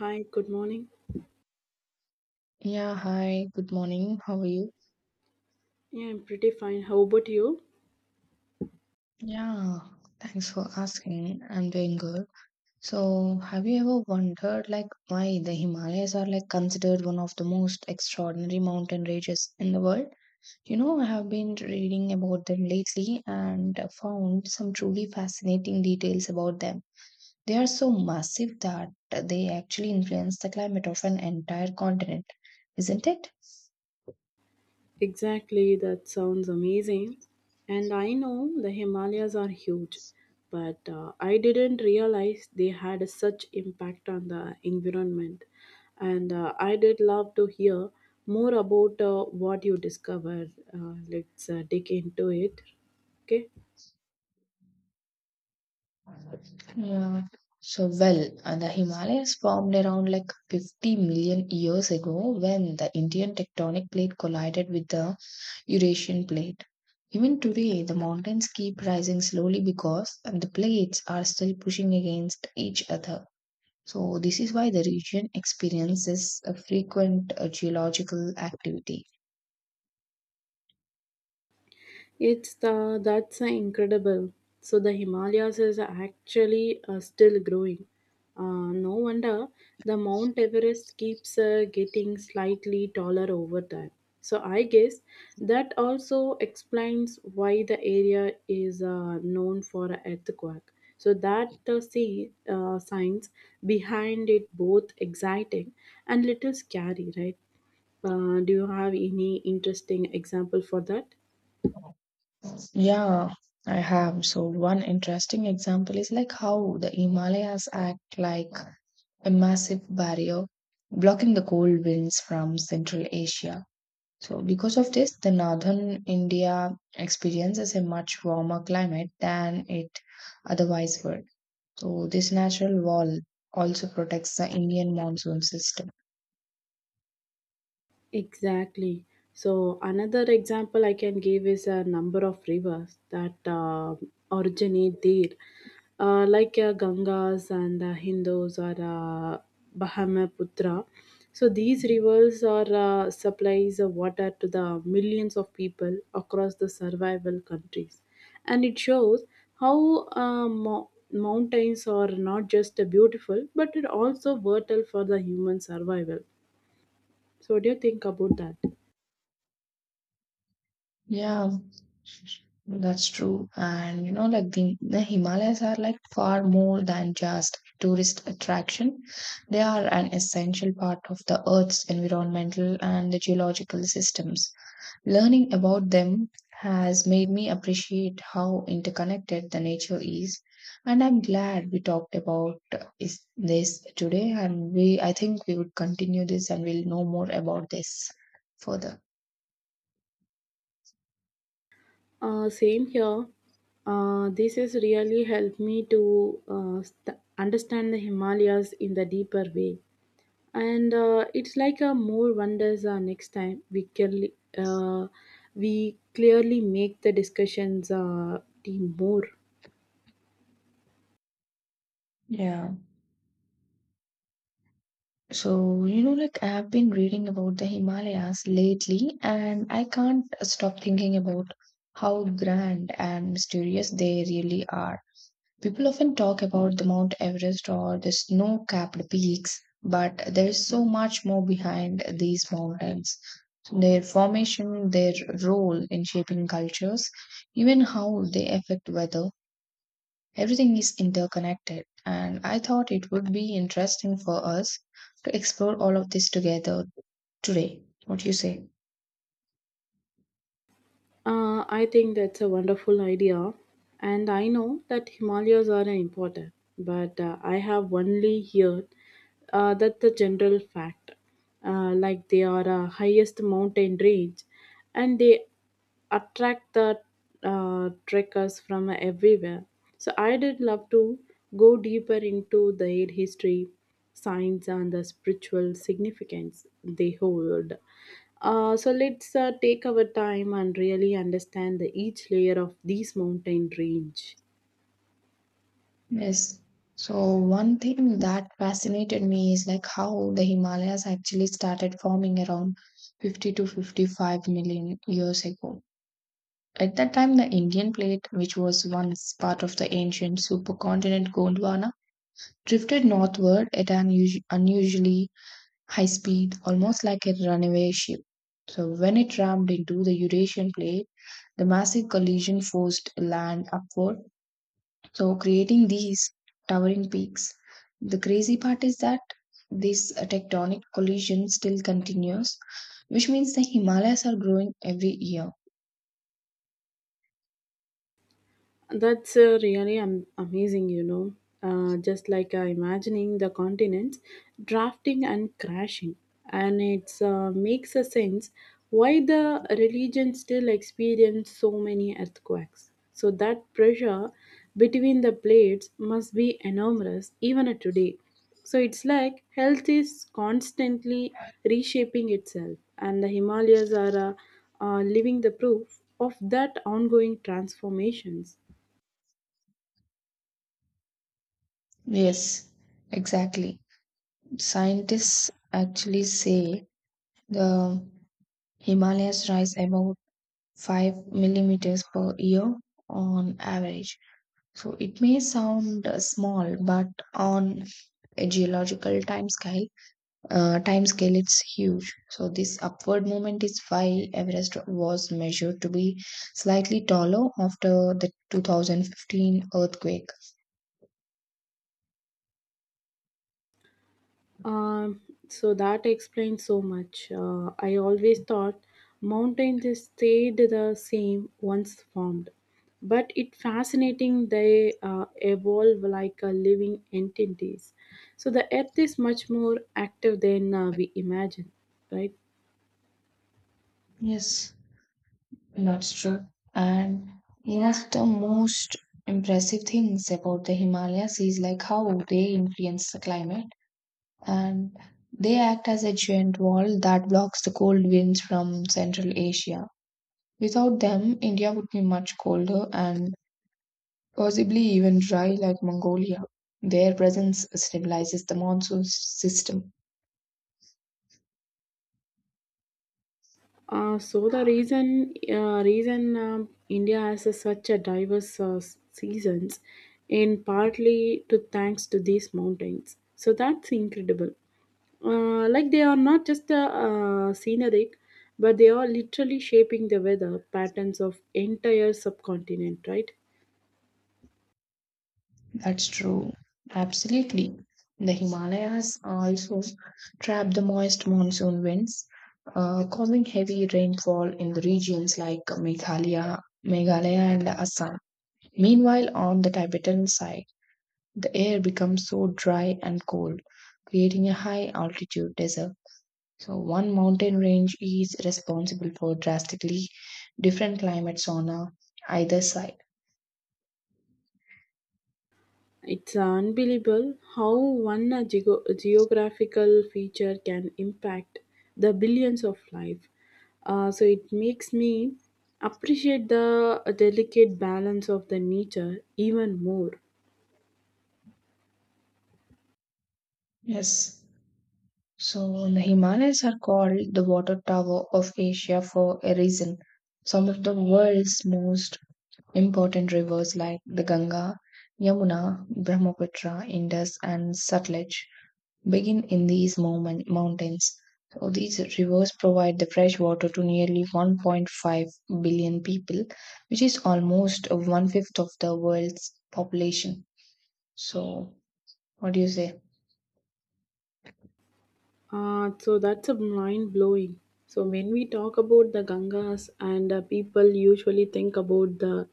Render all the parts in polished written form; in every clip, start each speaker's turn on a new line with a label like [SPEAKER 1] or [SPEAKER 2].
[SPEAKER 1] Hi, good morning.
[SPEAKER 2] Yeah, hi, good morning. How are you?
[SPEAKER 1] Yeah, I'm pretty fine. How about you?
[SPEAKER 2] Yeah, thanks for asking. I'm doing good. So, have you ever wondered like why the Himalayas are like considered one of the most extraordinary mountain ranges in the world? You know, I have been reading about them lately and found some truly fascinating details about them. They are so massive that they actually influence the climate of an entire continent, isn't it?
[SPEAKER 1] Exactly, that sounds amazing. And I know the Himalayas are huge, but I didn't realize they had such impact on the environment. And I did love to hear more about what you discovered. Let's dig into it. Okay.
[SPEAKER 2] Yeah. So, well, and the Himalayas formed around like 50 million years ago when the Indian tectonic plate collided with the Eurasian plate. Even today, the mountains keep rising slowly because and the plates are still pushing against each other. So, this is why the region experiences a frequent geological activity.
[SPEAKER 1] It's the that's incredible. So the Himalayas is actually still growing. No wonder the Mount Everest keeps getting slightly taller over time. So I guess that also explains why the area is known for a earthquake. So that see science behind it both exciting and little scary, right? Do you have any interesting example for that?
[SPEAKER 2] Yeah, I have. So, one interesting example is like how the Himalayas act like a massive barrier blocking the cold winds from Central Asia. So, because of this, the northern India experiences a much warmer climate than it otherwise would. So, this natural wall also protects the Indian monsoon system.
[SPEAKER 1] Exactly. So another example I can give is a number of rivers that originate there, like Gangas and Hindus or Brahmaputra. So these rivers are supplies of water to the millions of people across the survival countries, and it shows how mountains are not just beautiful but it also vital for the human survival. So what do you think about that?
[SPEAKER 2] Yeah, that's true. And you know, like the Himalayas are like far more than just tourist attraction. They are an essential part of the Earth's environmental and the geological systems. Learning about them has made me appreciate how interconnected the nature is, and I'm glad we talked about is this today. And we, I think, we would continue this, and we'll know more about this further.
[SPEAKER 1] Same here. This has really helped me to understand the Himalayas in the deeper way. And it's like a more wonders next time we can uh, we clearly make the discussions team more.
[SPEAKER 2] Yeah. So, you know, like I've been reading about the Himalayas lately, and I can't stop thinking about how grand and mysterious they really are. People often talk about the Mount Everest or the snow capped peaks, but there is so much more behind these mountains. Their formation, their role in shaping cultures, even how they affect weather, everything is interconnected. And I thought it would be interesting for us to explore all of this together today. What do you say?
[SPEAKER 1] I think that's a wonderful idea, and I know that Himalayas are important, but I have only heard that the general fact, like they are a highest mountain range, and they attract the trekkers from everywhere. So I did love to go deeper into their history science and the spiritual significance they hold. So let's take our time and really understand the, each layer of these mountain range.
[SPEAKER 2] Yes. So one thing that fascinated me is like how the Himalayas actually started forming around 50 to 55 million years ago. At that time, the Indian plate, which was once part of the ancient supercontinent Gondwana, drifted northward at an unusually high speed, almost like a runaway ship. So when it rammed into the Eurasian plate, the massive collision forced land upward so creating these towering peaks. The crazy part is that this tectonic collision still continues, which means the Himalayas are growing every year.
[SPEAKER 1] That's really amazing, you know. Just like imagining the continents drafting and crashing. And it makes a sense why the religion still experience so many earthquakes. So that pressure between the plates must be enormous even today. So it's like health is constantly reshaping itself, and the Himalayas are living the proof of that ongoing transformations.
[SPEAKER 2] Yes, exactly. Scientists actually say the Himalayas rise about 5 millimeters per year on average. So it may sound small, but on a geological time scale, it's huge. So this upward movement is why Everest was measured to be slightly taller after the 2015 earthquake.
[SPEAKER 1] Um, so that explains so much. I always thought mountains just stayed the same once formed, but it fascinating they evolve like living entities. So the earth is much more active than we imagine, right?
[SPEAKER 2] Yes, that's true. And one of the most impressive things about the Himalayas is like how they influence the climate, and they act as a giant wall that blocks the cold winds from Central Asia. Without them, India would be much colder and possibly even dry like Mongolia. Their presence stabilizes the monsoon system.
[SPEAKER 1] So the reason India has a, such a diverse seasons, and partly to thanks to these mountains. So that's incredible. Like they are not just scenic, but they are literally shaping the weather patterns of entire subcontinent. Right?
[SPEAKER 2] That's true. Absolutely. The Himalayas also trap the moist monsoon winds, causing heavy rainfall in the regions like Meghalaya and Assam. Meanwhile, on the Tibetan side, the air becomes so dry and cold, creating a high altitude desert. So one mountain range is responsible for drastically different climates on either side.
[SPEAKER 1] It's unbelievable how one geographical feature can impact the billions of life. So it makes me appreciate the delicate balance of the nature even more.
[SPEAKER 2] Yes. So the Himalayas are called the water tower of Asia for a reason. Some of the world's most important rivers like the Ganga, Yamuna, Brahmaputra, Indus and Sutlej begin in these mountains. So these rivers provide the fresh water to nearly 1.5 billion people, which is almost one fifth of the world's population. So, what do you say?
[SPEAKER 1] So that's a mind blowing. So when we talk about the Gangas and people usually think about the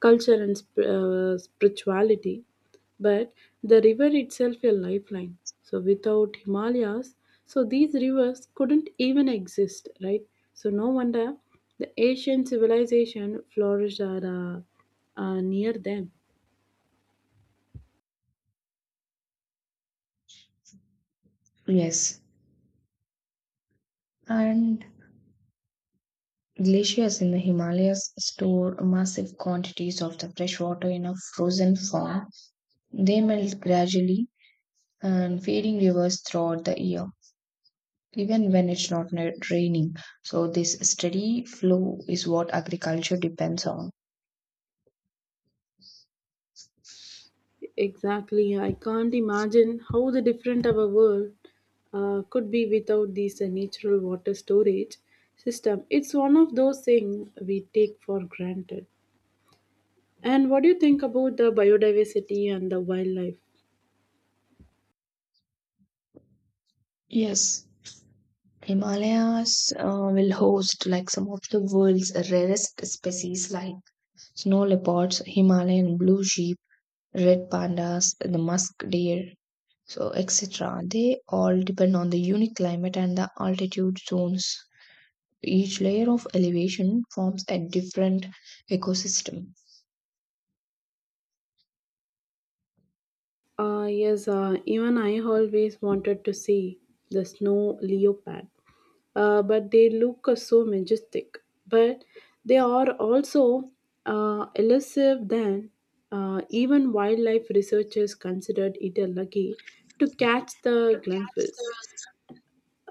[SPEAKER 1] culture and spirituality, but the river itself a lifeline. So without Himalayas, so these rivers couldn't even exist, right? So no wonder the Asian civilization flourished are, near them.
[SPEAKER 2] Yes. And glaciers in the Himalayas store massive quantities of the fresh water in a frozen form. They melt gradually and feeding rivers throughout the year, even when it's not raining. So, this steady flow is what agriculture depends on.
[SPEAKER 1] Exactly. I can't imagine how the different our world could be without this natural water storage system. It's one of those things we take for granted. And what do you think about the biodiversity and the wildlife?
[SPEAKER 2] Yes. Himalayas will host like some of the world's rarest species like snow leopards, Himalayan blue sheep, red pandas, the musk deer, so etc. They all depend on the unique climate and the altitude zones. Each layer of elevation forms a different ecosystem.
[SPEAKER 1] Yes, even I always wanted to see the snow leopard, but they look so majestic. But they are also elusive. Then, even wildlife researchers considered it a lucky to catch the glimpses.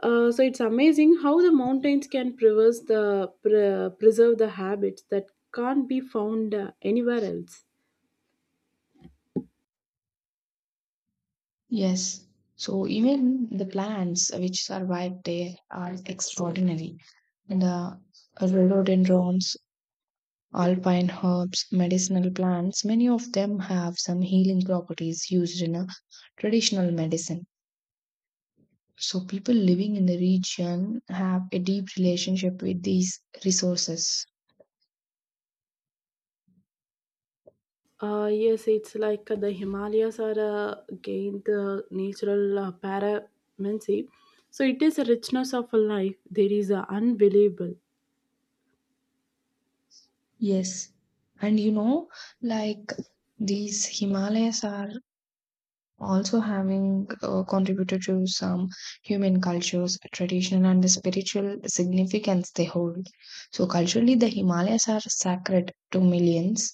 [SPEAKER 1] So it's amazing how the mountains can preserve the preserve the habits that can't be found anywhere else.
[SPEAKER 2] Yes. So even the plants which survive there are extraordinary. The rhododendrons, alpine herbs, medicinal plants, many of them have some healing properties used in a traditional medicine. So people living in the region have a deep relationship with these resources.
[SPEAKER 1] Yes, it's like the Himalayas are gained the natural paramountcy. So it is a richness of a life. There is unbelievable.
[SPEAKER 2] Yes. And you know, like these Himalayas are also having contributed to some human cultures, tradition, and the spiritual significance they hold. So, culturally, the Himalayas are sacred to millions.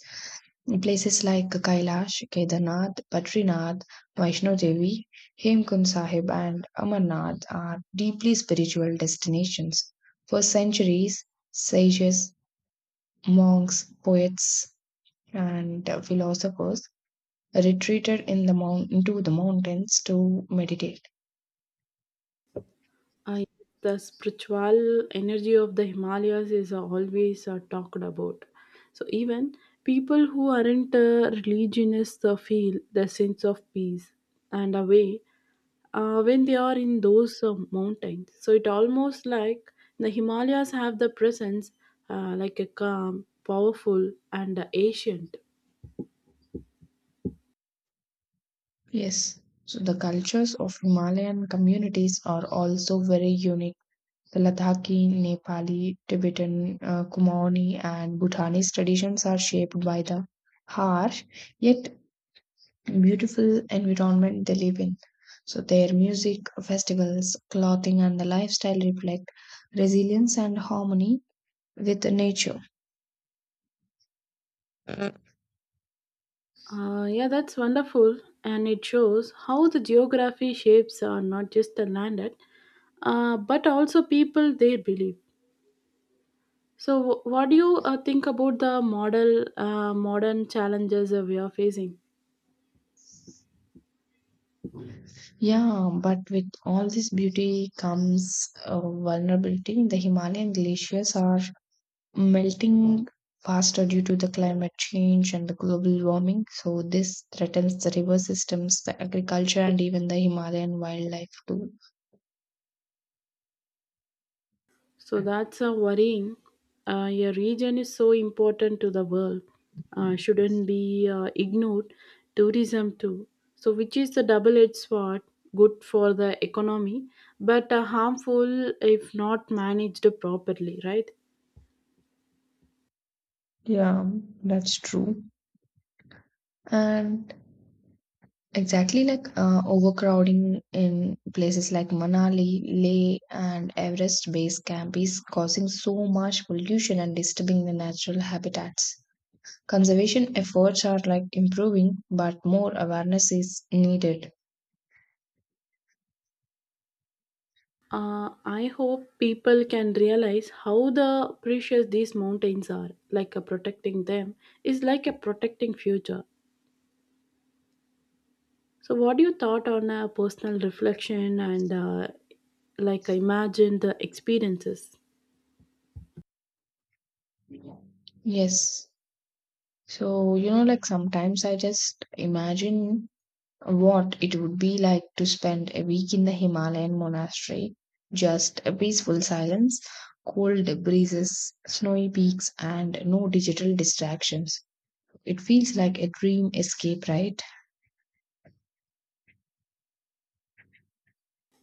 [SPEAKER 2] Places like Kailash, Kedarnath, Badrinath, Vaishno Devi, Hemkund Sahib, and Amarnath are deeply spiritual destinations. For centuries, sages, monks, poets, and philosophers retreated in the mount into the mountains to meditate.
[SPEAKER 1] I, the spiritual energy of the Himalayas is always talked about. So even people who aren't religionists feel the sense of peace and a way when they are in those mountains. So it almost like the Himalayas have the presence like a calm, powerful, and ancient.
[SPEAKER 2] Yes. So the cultures of Himalayan communities are also very unique. The Ladakhi, Nepali, Tibetan, Kumaoni, and Bhutanese traditions are shaped by the harsh yet beautiful environment they live in. So their music, festivals, clothing, and the lifestyle reflect resilience and harmony with nature.
[SPEAKER 1] Yeah, that's wonderful, and it shows how the geography shapes are not just the landed, but also people they believe. So, what do you think about the model modern challenges we are facing?
[SPEAKER 2] Yeah, but with all this beauty comes vulnerability. The Himalayan glaciers are melting faster due to the climate change and the global warming. So this threatens the river systems, the agriculture, and even the Himalayan wildlife too.
[SPEAKER 1] So that's a worrying. Your region is so important to the world, shouldn't be ignored. Tourism too. So which is the double-edged sword? Good for the economy, but harmful if not managed properly, right?
[SPEAKER 2] Yeah, that's true. And exactly like overcrowding in places like Manali, Leh, and Everest Base Camp is causing so much pollution and disturbing the natural habitats. Conservation efforts are like improving, but more awareness is needed.
[SPEAKER 1] I hope people can realize how the precious these mountains are. Like a protecting them is like a protecting future. So, what do you thought on a personal reflection and like imagine the experiences?
[SPEAKER 2] Yes. So, you know, like sometimes I just imagine what it would be like to spend a week in the Himalayan monastery. Just a peaceful silence, cold breezes, snowy peaks, and no digital distractions. It feels like a dream escape, right?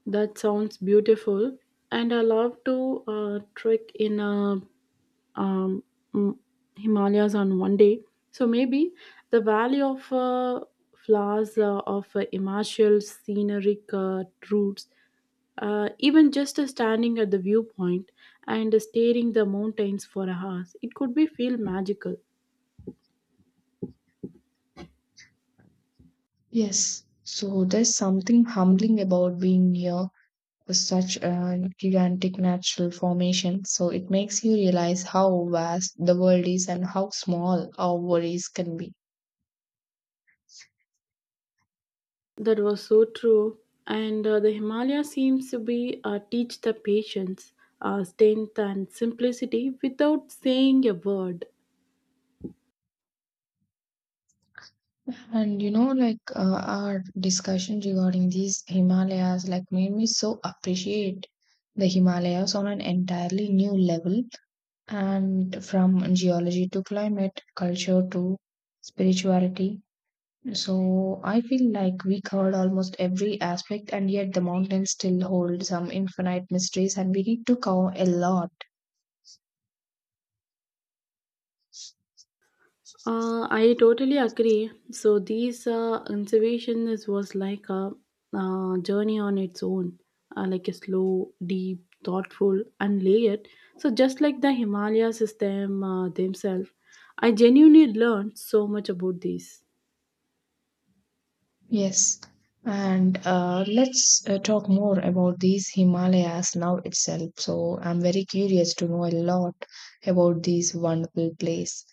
[SPEAKER 1] That sounds beautiful, and I love to trek in um, mm, Himalayas on one day. So maybe the valley of flowers of immaculate scenic routes. Even just standing at the viewpoint and staring the mountains for hours, it could be feel magical.
[SPEAKER 2] Yes. So, there's something humbling about being here with such a gigantic natural formation. So it makes you realize how vast the world is and how small our worries can be.
[SPEAKER 1] That was so true. And the Himalaya seems to be teach the patience, strength, and simplicity without saying a word.
[SPEAKER 2] And you know, like our discussion regarding these Himalayas, like made me so appreciate the Himalayas on an entirely new level. And from geology to climate, culture to spirituality, so I feel like we covered almost every aspect, and yet the mountains still hold some infinite mysteries, and we need to cover a lot.
[SPEAKER 1] I totally agree. So these observation is was like a journey on its own, like a slow, deep, thoughtful, and layered. So just like the Himalaya system themselves, I genuinely learned so much about these.
[SPEAKER 2] Yes. And let's talk more about these Himalayas now itself. So I'm very curious to know a lot about this wonderful place.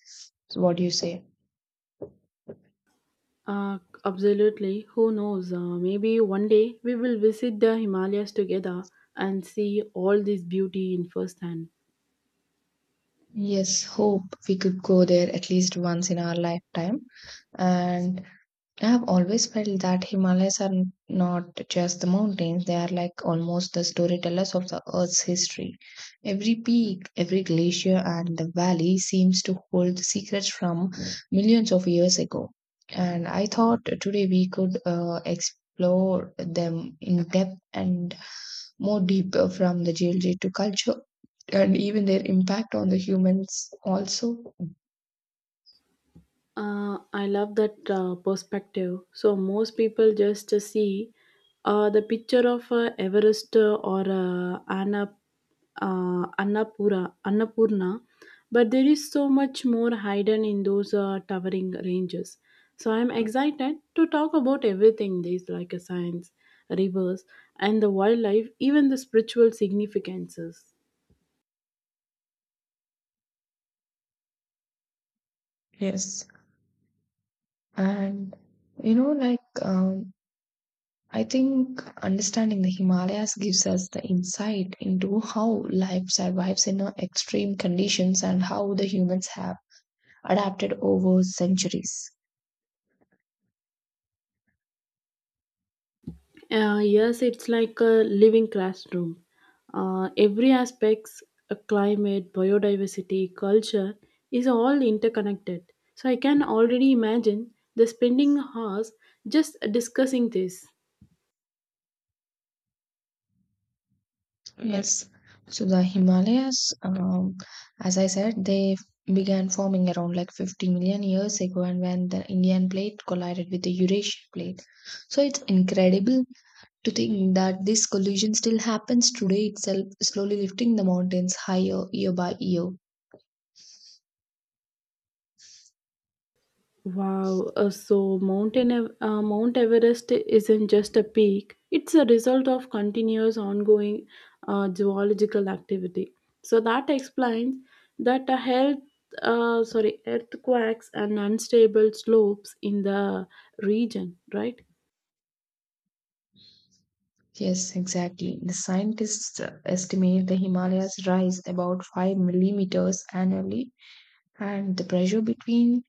[SPEAKER 2] So what do you say?
[SPEAKER 1] Uh, Absolutely. Who knows? Maybe one day we will visit the Himalayas together and see all this beauty in first hand.
[SPEAKER 2] Yes, hope we could go there at least once in our lifetime. And I have always felt that Himalayas are not just the mountains, they are like almost the storytellers of the Earth's history. Every peak, every glacier, and the valley seems to hold secrets from millions of years ago. And I thought today we could explore them in depth and more deeper from the geology to culture and even their impact on the humans, also.
[SPEAKER 1] I love that perspective. So most people just see the picture of Everest or Annapurna, but there is so much more hidden in those towering ranges. So I'm excited to talk about everything these like a science, rivers, and the wildlife, even the spiritual significances.
[SPEAKER 2] Yes. And you know, like, I think understanding the Himalayas gives us the insight into how life survives in extreme conditions and how the humans have adapted over centuries.
[SPEAKER 1] Yes, it's like a living classroom. Every aspects, climate, biodiversity, culture is all interconnected. So I can already imagine the spending hours just discussing this.
[SPEAKER 2] Yes. So the Himalayas, as I said, they began forming around like 50 million years ago and when the Indian plate collided with the Eurasian plate. So it's incredible to think that this collision still happens today itself, slowly lifting the mountains higher year by year.
[SPEAKER 1] Wow, so Mount Everest isn't just a peak, it's a result of continuous ongoing geological activity. So that explains that a health, sorry, earthquakes and unstable slopes in the region, right?
[SPEAKER 2] Yes, exactly. The scientists estimate the Himalayas rise about 5 millimeters annually, and the pressure between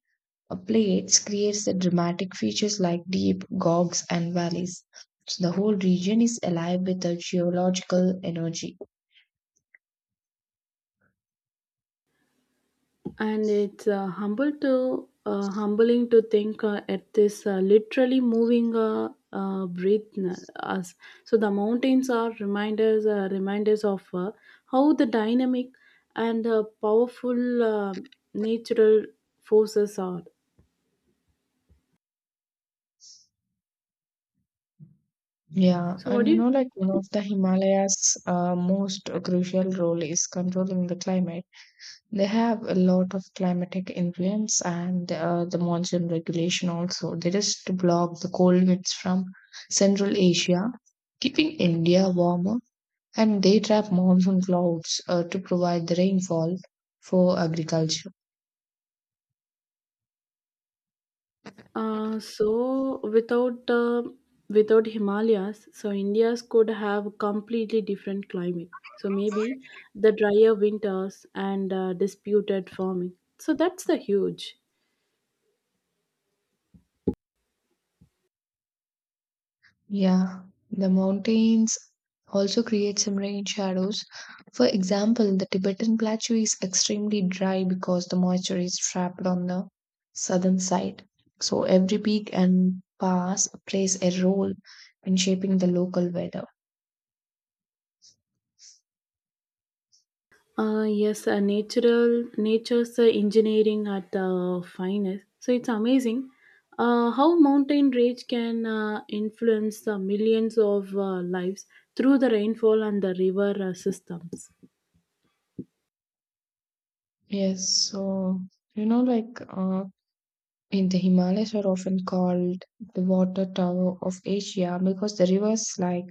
[SPEAKER 2] plates creates the dramatic features like deep gorges and valleys. So the whole region is alive with the geological energy.
[SPEAKER 1] And it's humble to humbling to think at this literally moving breath us. So the mountains are reminders of how the dynamic and powerful natural forces are.
[SPEAKER 2] Yeah,
[SPEAKER 1] So what
[SPEAKER 2] and
[SPEAKER 1] do
[SPEAKER 2] you
[SPEAKER 1] you
[SPEAKER 2] know, like one of the Himalayas' most crucial role is controlling the climate. They have a lot of climatic influence and the monsoon regulation also. They just block the cold winds from Central Asia, keeping India warmer, and they trap monsoon clouds to provide the rainfall for agriculture.
[SPEAKER 1] So without without Himalayas, so India's could have completely different climate. So maybe the drier winters and disputed farming. So that's the huge.
[SPEAKER 2] Yeah, the mountains also create some rain shadows. For example, the Tibetan plateau is extremely dry because the moisture is trapped on the southern side. So every peak and pass plays a role in shaping the local weather.
[SPEAKER 1] Yes, natural nature's engineering at the finest. So it's amazing how mountain range can influence millions of lives through the rainfall and the river systems.
[SPEAKER 2] Yes, so you know, like in the Himalayas are often called the water tower of Asia because the rivers like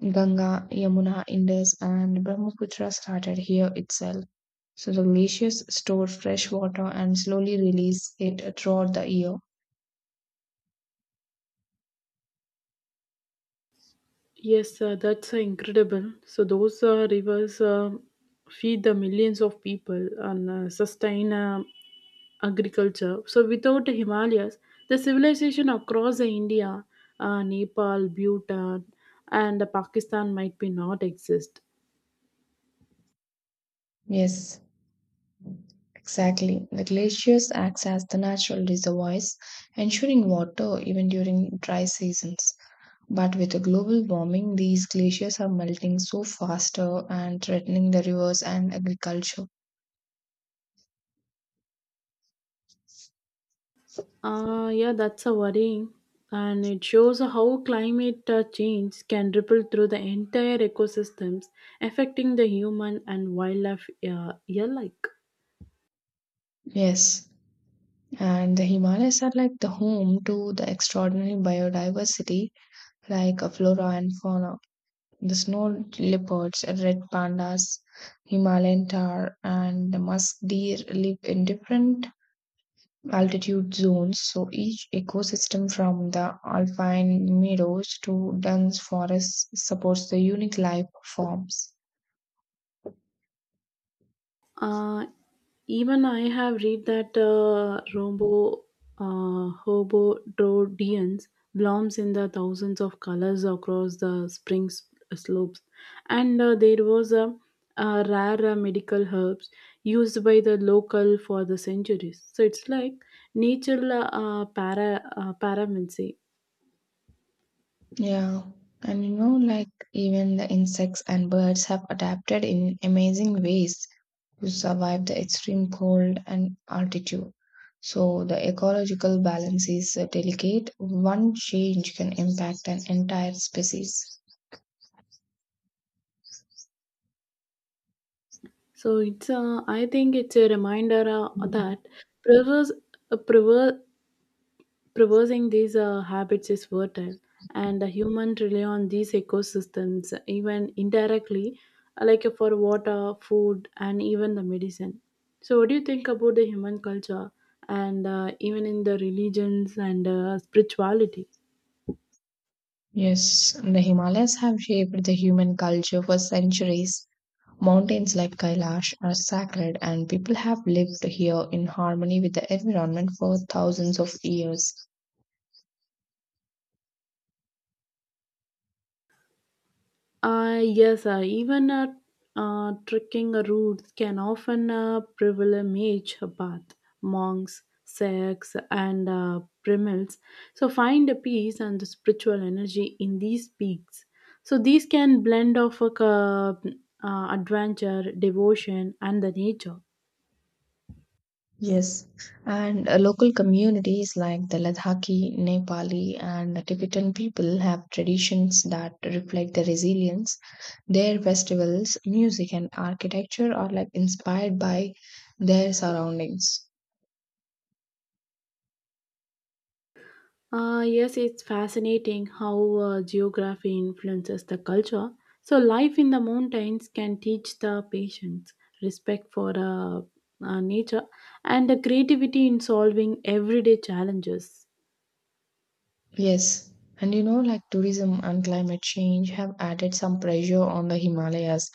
[SPEAKER 2] Ganga, Yamuna, Indus, and Brahmaputra started here itself. So the glaciers store fresh water and slowly release it throughout the year.
[SPEAKER 1] Yes, that's incredible. So those rivers feed the millions of people and sustain agriculture. So without the Himalayas, the civilization across the India, Nepal, Bhutan, and Pakistan might be not exist.
[SPEAKER 2] Yes, exactly. The glaciers acts as the natural reservoirs, ensuring water even during dry seasons. But with the global warming, these glaciers are melting so faster and threatening the rivers and agriculture.
[SPEAKER 1] Yeah, that's a worrying, and it shows how climate change can ripple through the entire ecosystems, affecting the human and wildlife alike.
[SPEAKER 2] Yes, and the Himalayas are like the home to the extraordinary biodiversity like a flora and fauna. The snow leopards, red pandas, Himalayan tar, and the musk deer live in different altitude zones. So each ecosystem, from the alpine meadows to dense forests, supports the unique life forms.
[SPEAKER 1] Uh, Even I have read that Robo Hobododians blooms in the thousands of colors across the spring slopes, and there was a rare medical herbs used by the local for the centuries. So it's like nature paramancy.
[SPEAKER 2] Yeah. And you know, like even the insects and birds have adapted in amazing ways to survive the extreme cold and altitude. So the ecological balance is delicate. One change can impact an entire species.
[SPEAKER 1] So it's I think it's a reminder that preserves uh, prever- Reversing these habits is fertile, and the human rely on these ecosystems, even indirectly, like for water, food, and even the medicine. So, what do you think about the human culture and even in the religions and spirituality?
[SPEAKER 2] Yes, the Himalayas have shaped the human culture for centuries. Mountains like Kailash are sacred, and people have lived here in harmony with the environment for thousands of years.
[SPEAKER 1] Yes, even trekking routes can often pilgrimage path, monks, sects, and primals. So find a peace and the spiritual energy in these peaks. So these can blend of a adventure, devotion, and the nature.
[SPEAKER 2] Yes, and local communities like the Ladakhi, Nepali, and the Tibetan people have traditions that reflect their resilience. Their festivals, music, and architecture are like inspired by their surroundings.
[SPEAKER 1] Yes, it's fascinating how geography influences the culture. So, life in the mountains can teach the patience, respect for nature, and the creativity in solving everyday challenges.
[SPEAKER 2] Yes, and you know, like tourism and climate change have added some pressure on the Himalayas.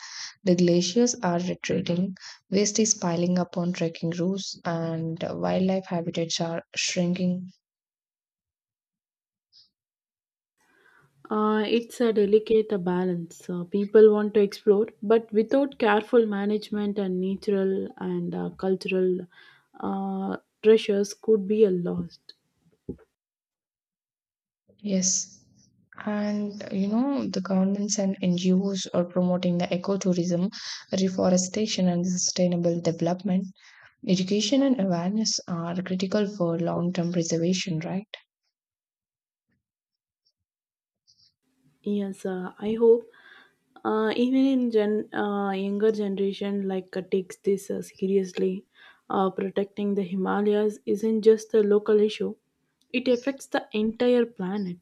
[SPEAKER 2] The glaciers are retreating, waste is piling up on trekking routes, and wildlife habitats are shrinking.
[SPEAKER 1] It's a delicate balance. People want to explore, but without careful management and natural and cultural uh, treasures could be a lost.
[SPEAKER 2] Yes. And you know, the governments and NGOs are promoting the ecotourism, reforestation, and sustainable development. Education and awareness are critical for long term preservation, right?
[SPEAKER 1] Yes, I hope even in gen younger generation like takes this seriously. Uh, protecting the himalayas isn't just a local issue. It affects the entire planet.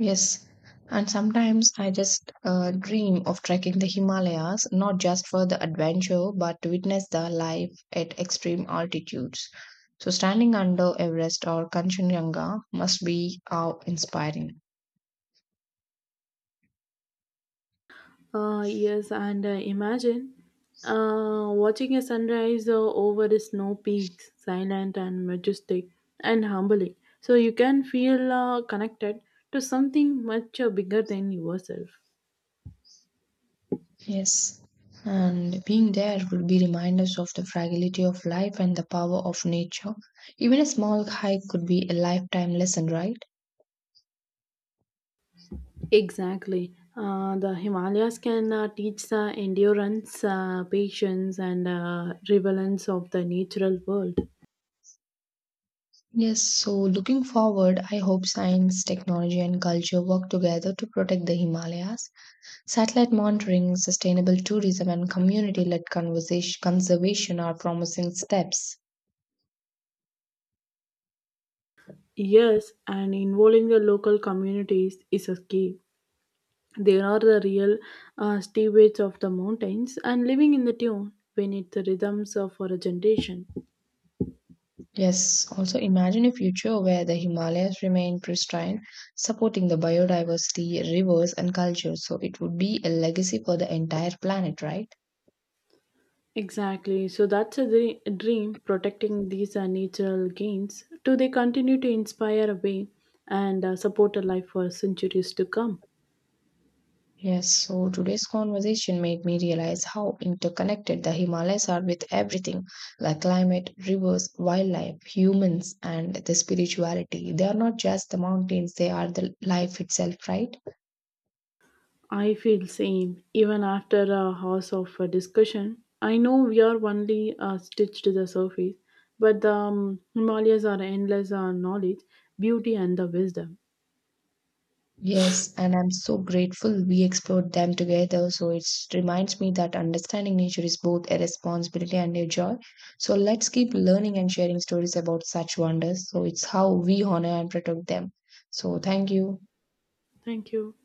[SPEAKER 2] Yes. And sometimes I just dream of trekking the Himalayas, not just for the adventure, but to witness the life at extreme altitudes. So, standing under Everest or Kanchenjunga must be awe inspiring.
[SPEAKER 1] Yes, and imagine watching a sunrise over the snow peaks silent and majestic and humbling, so you can feel connected to something much bigger than yourself.
[SPEAKER 2] Yes, and being there will be reminders of the fragility of life and the power of nature. Even a small hike could be a lifetime lesson, right?
[SPEAKER 1] Exactly. The Himalayas can teach the endurance, patience, and relevance of the natural world.
[SPEAKER 2] Yes, so looking forward, I hope science, technology, and culture work together to protect the Himalayas. Satellite monitoring, sustainable tourism, and community led conservation are promising steps.
[SPEAKER 1] Yes, and involving the local communities is a key. They are the real stewards of the mountains and living in the tune beneath the rhythms of our generation.
[SPEAKER 2] Yes, also imagine a future where the Himalayas remain pristine, supporting the biodiversity, rivers, and culture. So it would be a legacy for the entire planet, right?
[SPEAKER 1] Exactly. So that's a dream, protecting these natural gains. Do they continue to inspire a way and support a life for centuries to come?
[SPEAKER 2] Yes, so today's conversation made me realize how interconnected the Himalayas are with everything like climate, rivers, wildlife, humans, and the spirituality. They are not just the mountains, they are the life itself, right?
[SPEAKER 1] I feel same even after a hours of discussion. I know we are only stitched to the surface, but the Himalayas are endless knowledge, beauty, and the wisdom.
[SPEAKER 2] Yes, and I'm so grateful we explored them together. So it reminds me that understanding nature is both a responsibility and a joy. So let's keep learning and sharing stories about such wonders. So it's how we honor and protect them. So thank you.
[SPEAKER 1] Thank you.